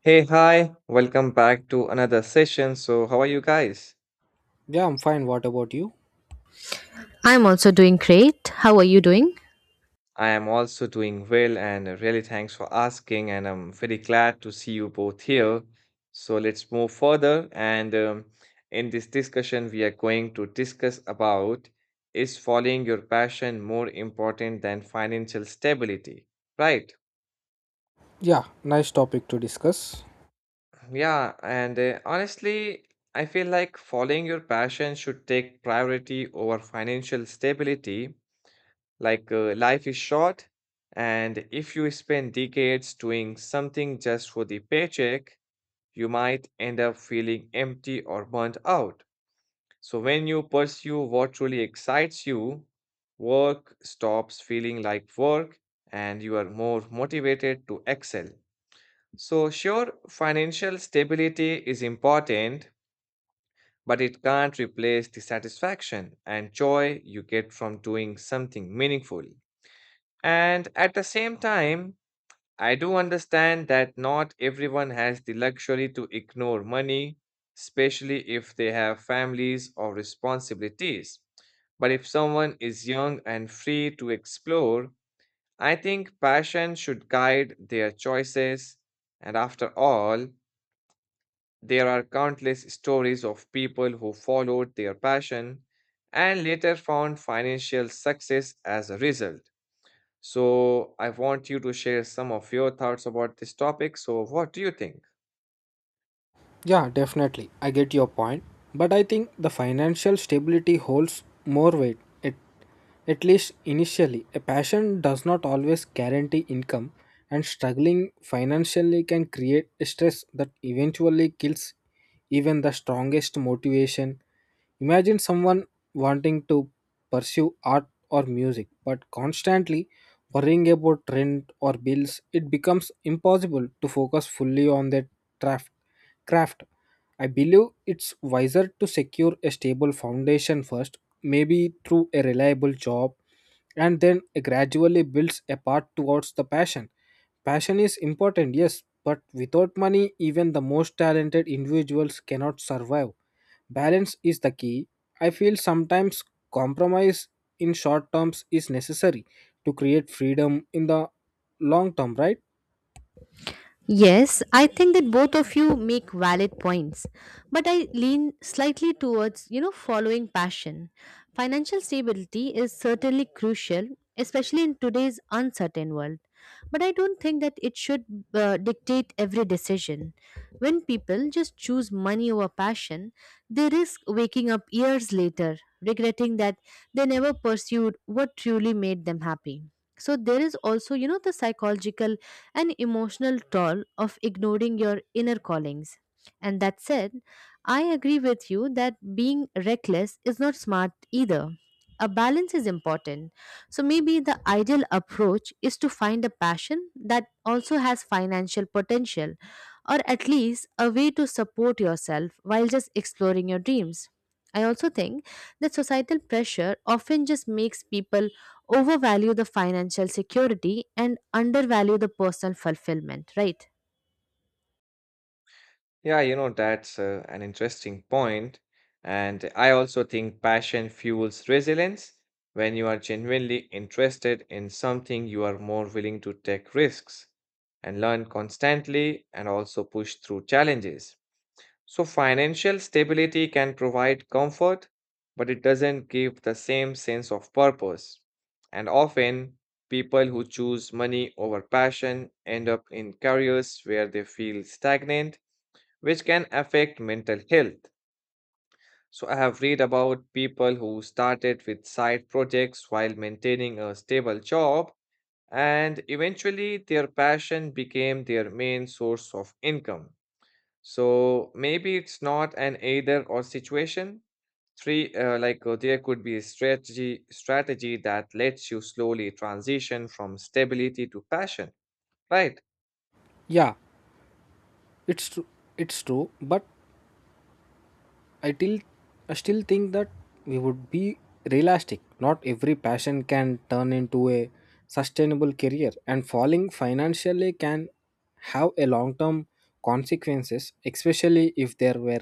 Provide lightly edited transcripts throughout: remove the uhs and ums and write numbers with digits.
Hey, hi, welcome back to another session. So, how are you guys? Yeah, I'm fine. What about you? I'm also doing great. How are you doing? I am also doing well and really thanks for asking. And I'm very glad to see you both here. So, let's move further. And In this discussion, we are going to discuss about is following your passion more important than financial stability? Right. Yeah, nice topic to discuss. Yeah. And Honestly, I feel like following your passion should take priority over financial stability. Life is short, and if you spend decades doing something just for the paycheck, you might end up feeling empty or burnt out. So, when you pursue what truly excites you, work stops feeling like work, and you are more motivated to excel. So, sure, financial stability is important, but it can't replace the satisfaction and joy you get from doing something meaningful. And at the same time, I do understand that not everyone has the luxury to ignore money, especially if they have families or responsibilities. But if someone is young and free to explore, I think passion should guide their choices. And after all, there are countless stories of people who followed their passion and later found financial success as a result. So I want you to share some of your thoughts about this topic. So what do you think? Yeah, definitely. I get your point. But I think the financial stability holds more weight, at least initially. A passion does not always guarantee income, and struggling financially can create stress that eventually kills even the strongest motivation. Imagine someone wanting to pursue art or music, but constantly worrying about rent or bills, it becomes impossible to focus fully on their craft craft. I believe it's wiser to secure a stable foundation first, maybe through a reliable job, and then gradually builds a path towards the passion. Passion is important, yes, but without money, even the most talented individuals cannot survive. Balance is the key. I feel sometimes compromise in short terms is necessary to create freedom in the long term, right? Yes, I think that both of you make valid points, but I lean slightly towards, you know, following passion. Financial stability is certainly crucial, especially in today's uncertain world, but I don't think that it should dictate every decision. When people just choose money over passion, they risk waking up years later regretting that they never pursued what truly made them happy. So there is also, you know, the psychological an emotional toll of ignoring your inner callings. And that said, I agree with you that being reckless is not smart either. A balance is important. So maybe the ideal approach is to find a passion that also has financial potential or at least a way to support yourself while just exploring your dreams. I also think that societal pressure often just makes people overvalue the financial security and undervalue the personal fulfillment, right? Yeah, you know, that's an interesting point. And I also think passion fuels resilience. When you are genuinely interested in something, you are more willing to take risks and learn constantly and also push through challenges. So, financial stability can provide comfort, but it doesn't give the same sense of purpose. And often, people who choose money over passion end up in careers where they feel stagnant, which can affect mental health. So, I have read about people who started with side projects while maintaining a stable job, and eventually, their passion became their main source of income. So maybe it's not an either or situation. Three, like There could be a strategy that lets you slowly transition from stability to passion, right? Yeah, it's true. It's true, but I till I still think that we would be realistic. Not every passion can turn into a sustainable career and falling financially can have a long term consequences, especially if there were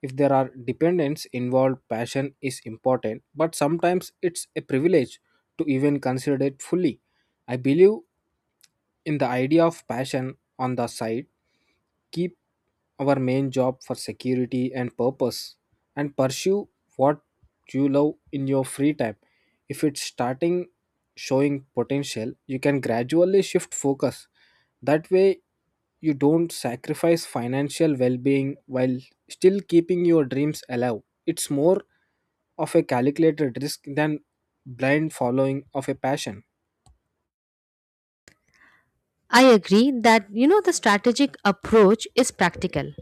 if there are dependents involved. Passion is important, but sometimes it's a privilege to even consider it fully. I believe in the idea of passion on the side. Keep our main job for security and purpose and pursue what you love in your free time. If it's starting showing potential, you can gradually shift focus. That way, you don't sacrifice financial well being while still keeping your dreams alive. It's more of a calculated risk than blind following of a passion. I agree that you know the strategic approach is practical,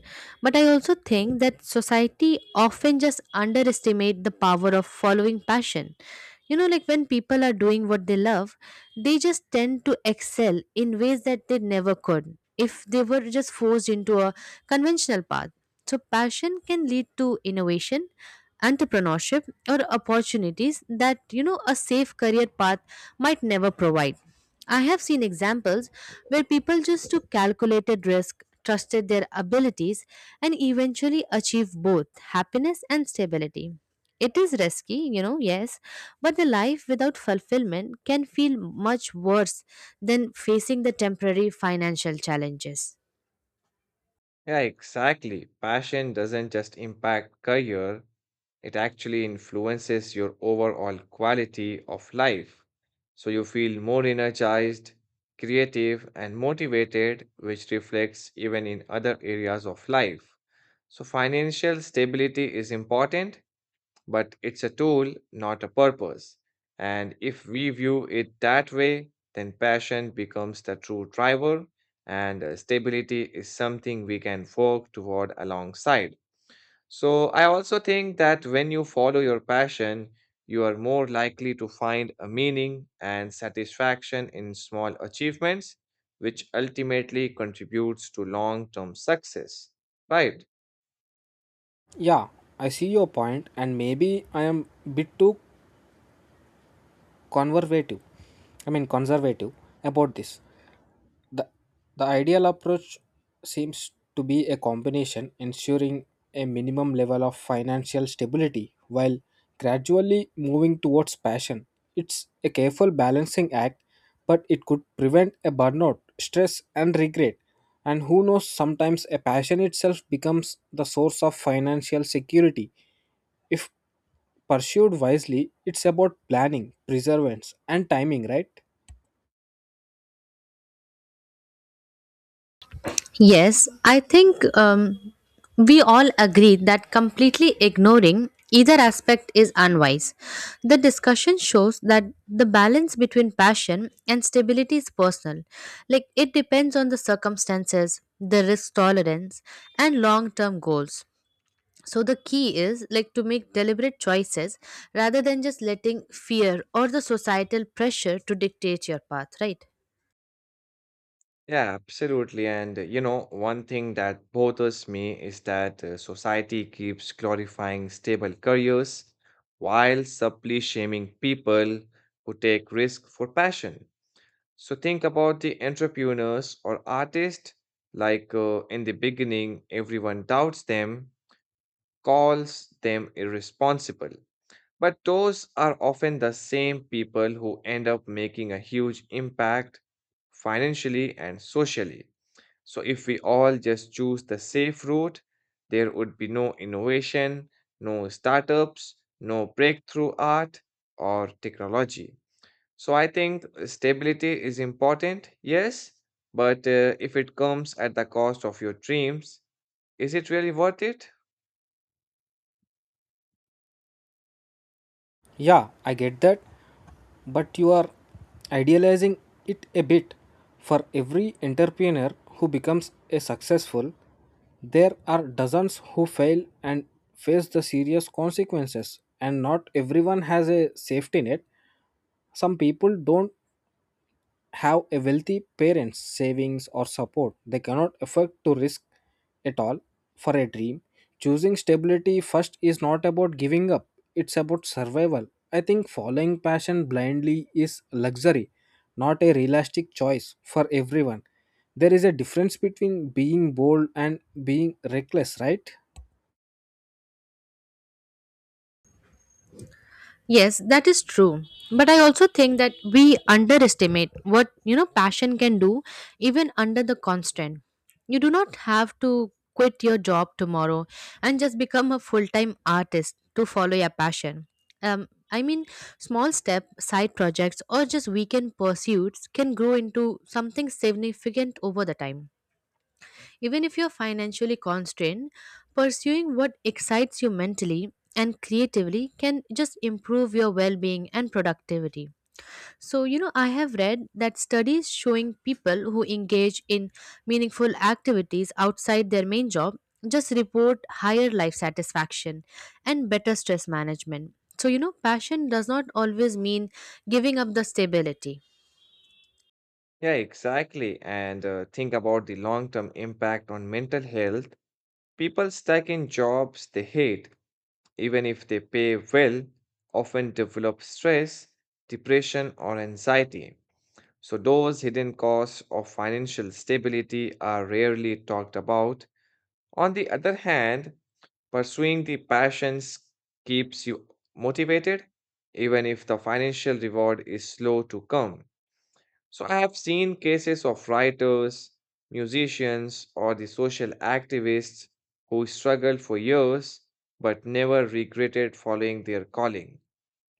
but I also think that society often just underestimate the power of following passion. You know, like when people are doing what they love, they just tend to excel in ways that they never could if they were just forced into a conventional path. So, passion can lead to innovation, entrepreneurship, or opportunities that you know a safe career path might never provide. I have seen examples where people just took calculated risk, trusted their abilities, and eventually achieved both happiness and stability. It is risky, you know, yes, but the life without fulfillment can feel much worse than facing the temporary financial challenges. Yeah, exactly. Passion doesn't just impact career, it actually influences your overall quality of life. So you feel more energized, creative, and motivated, which reflects even in other areas of life. So, financial stability is important, but it's a tool, not a purpose. And if we view it that way, then passion becomes the true driver, and stability is something we can work toward alongside. So, I also think that when you follow your passion, you are more likely to find a meaning and satisfaction in small achievements, which ultimately contributes to long term success. Right. Yeah, I see your point, and maybe I am bit too conservative I mean conservative about this. The the ideal approach seems to be a combination, ensuring a minimum level of financial stability while gradually moving towards passion. It's a careful balancing act, but it could prevent a burnout, stress and regret. And who knows, sometimes a passion itself becomes the source of financial security if pursued wisely. It's about planning, perseverance and timing, right? Yes, I think we all agree that completely ignoring either aspect is unwise. The discussion shows that the balance between passion and stability is personal. Like it depends on the circumstances, the risk tolerance, and long term goals. So the key is like to make deliberate choices rather than just letting fear or the societal pressure to dictate your path, right? Yeah, absolutely. One thing that bothers me is that society keeps glorifying stable careers while subtly shaming people who take risk for passion. So think about the entrepreneurs or artists. In the beginning, everyone doubts them, calls them irresponsible. But those are often the same people who end up making a huge impact financially and socially. So if we all just choose the safe route, there would be no innovation, no startups, no breakthrough art or technology. So I think stability is important, yes, but if it comes at the cost of your dreams, is it really worth it? Yeah, I get that, but you are idealizing it a bit. For every entrepreneur who becomes a successful, there are dozens who fail and face the serious consequences, and not everyone has a safety net. Some people don't have a wealthy parents savings or support. They cannot afford to risk at all for a dream. Choosing stability first is not about giving up, it's about survival. I think following passion blindly is luxury, not a realistic choice for everyone. There is a difference between being bold and being reckless, right? Yes, that is true. But I also think that we underestimate what, you know, passion can do even under the constant. You do not have to quit your job tomorrow and just become a full-time artist to follow your passion. Um, I mean, small step, side projects, or just weekend pursuits can grow into something significant over the time. Even if you're financially constrained, pursuing what excites you mentally and creatively can just improve your well being and productivity. So, you know, I have read that studies showing people who engage in meaningful activities outside their main job just report higher life satisfaction and better stress management. So, you know, passion does not always mean giving up the stability. Yeah, exactly. And Think about the long term impact on mental health. People stuck in jobs they hate, even if they pay well, often develop stress, depression, or anxiety. So, those hidden costs of financial stability are rarely talked about. On the other hand, pursuing the passions keeps you motivated, even if the financial reward is slow to come. So I have seen cases of writers, musicians, or the social activists who struggled for years but never regretted following their calling.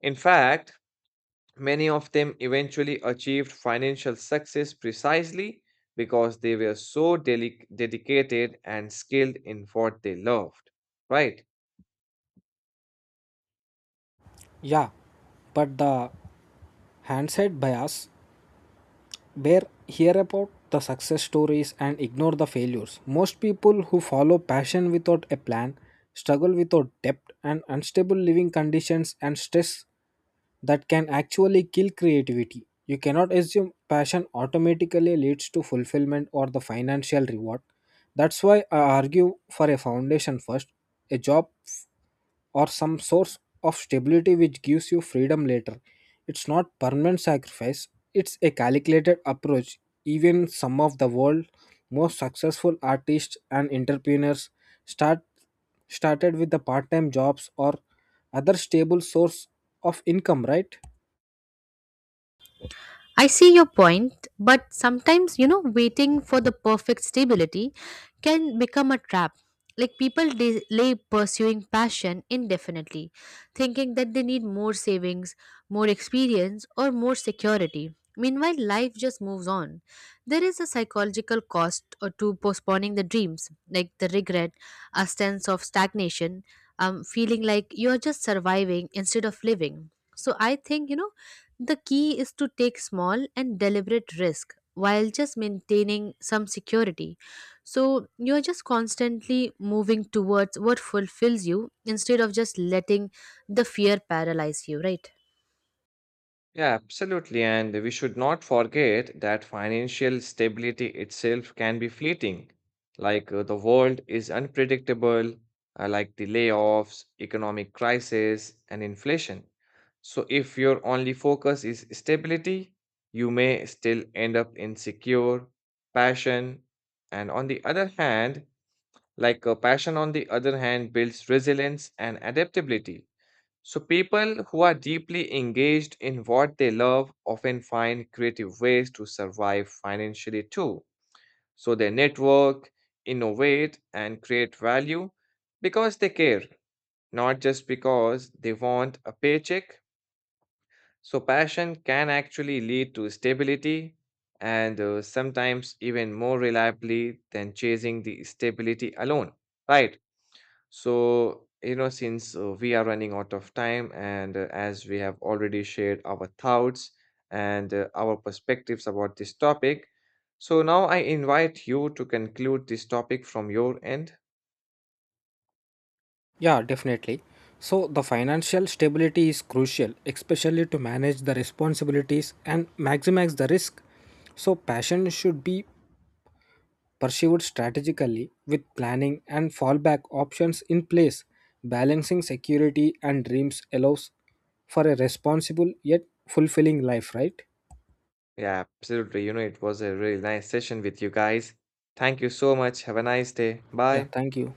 In fact, many of them eventually achieved financial success precisely because they were so dedicated and skilled in what they loved, right? Yeah, but the hindsight bias, where hear about the success stories and ignore the failures. Most people who follow passion without a plan struggle without depth and unstable living conditions and stress that can actually kill creativity. You cannot assume passion automatically leads to fulfillment or the financial reward. That's why I argue for a foundation first, a job or some source of stability which gives you freedom later. It's not permanent sacrifice, it's a calculated approach. Even some of the world's most successful artists and entrepreneurs start started with the part-time jobs or other stable source of income, right? I see your point, but sometimes, you know, waiting for the perfect stability can become a trap. Like people delay pursuing passion indefinitely, thinking that they need more savings, more experience, or more security. Meanwhile, life just moves on. There is a psychological cost or to postponing the dreams, like the regret, a sense of stagnation, feeling like you're just surviving instead of living. So I think, you know, the key is to take small and deliberate risk while just maintaining some security. So you're just constantly moving towards what fulfills you instead of just letting the fear paralyze you, right? Yeah, absolutely. And we should not forget that financial stability itself can be fleeting. The world is unpredictable, like the layoffs, economic crisis, and inflation. So if your only focus is stability, you may still end up insecure, passion, and on the other hand, passion on the other hand builds resilience and adaptability. So, people who are deeply engaged in what they love often find creative ways to survive financially too. So, they network, innovate, and create value because they care, not just because they want a paycheck. So, passion can actually lead to stability and sometimes even more reliably than chasing the stability alone, right? So, you know, since we are running out of time and as we have already shared our thoughts and our perspectives about this topic, so now I invite you to conclude this topic from your end. Yeah, definitely. So the financial stability is crucial, especially to manage the responsibilities and maximize the risk. So passion should be pursued strategically with planning and fallback options in place. Balancing security and dreams allows for a responsible yet fulfilling life, right? Yeah, absolutely. You know, it was a really nice session with you guys. Thank you so much. Have a nice day. Yeah, Bye. thank you.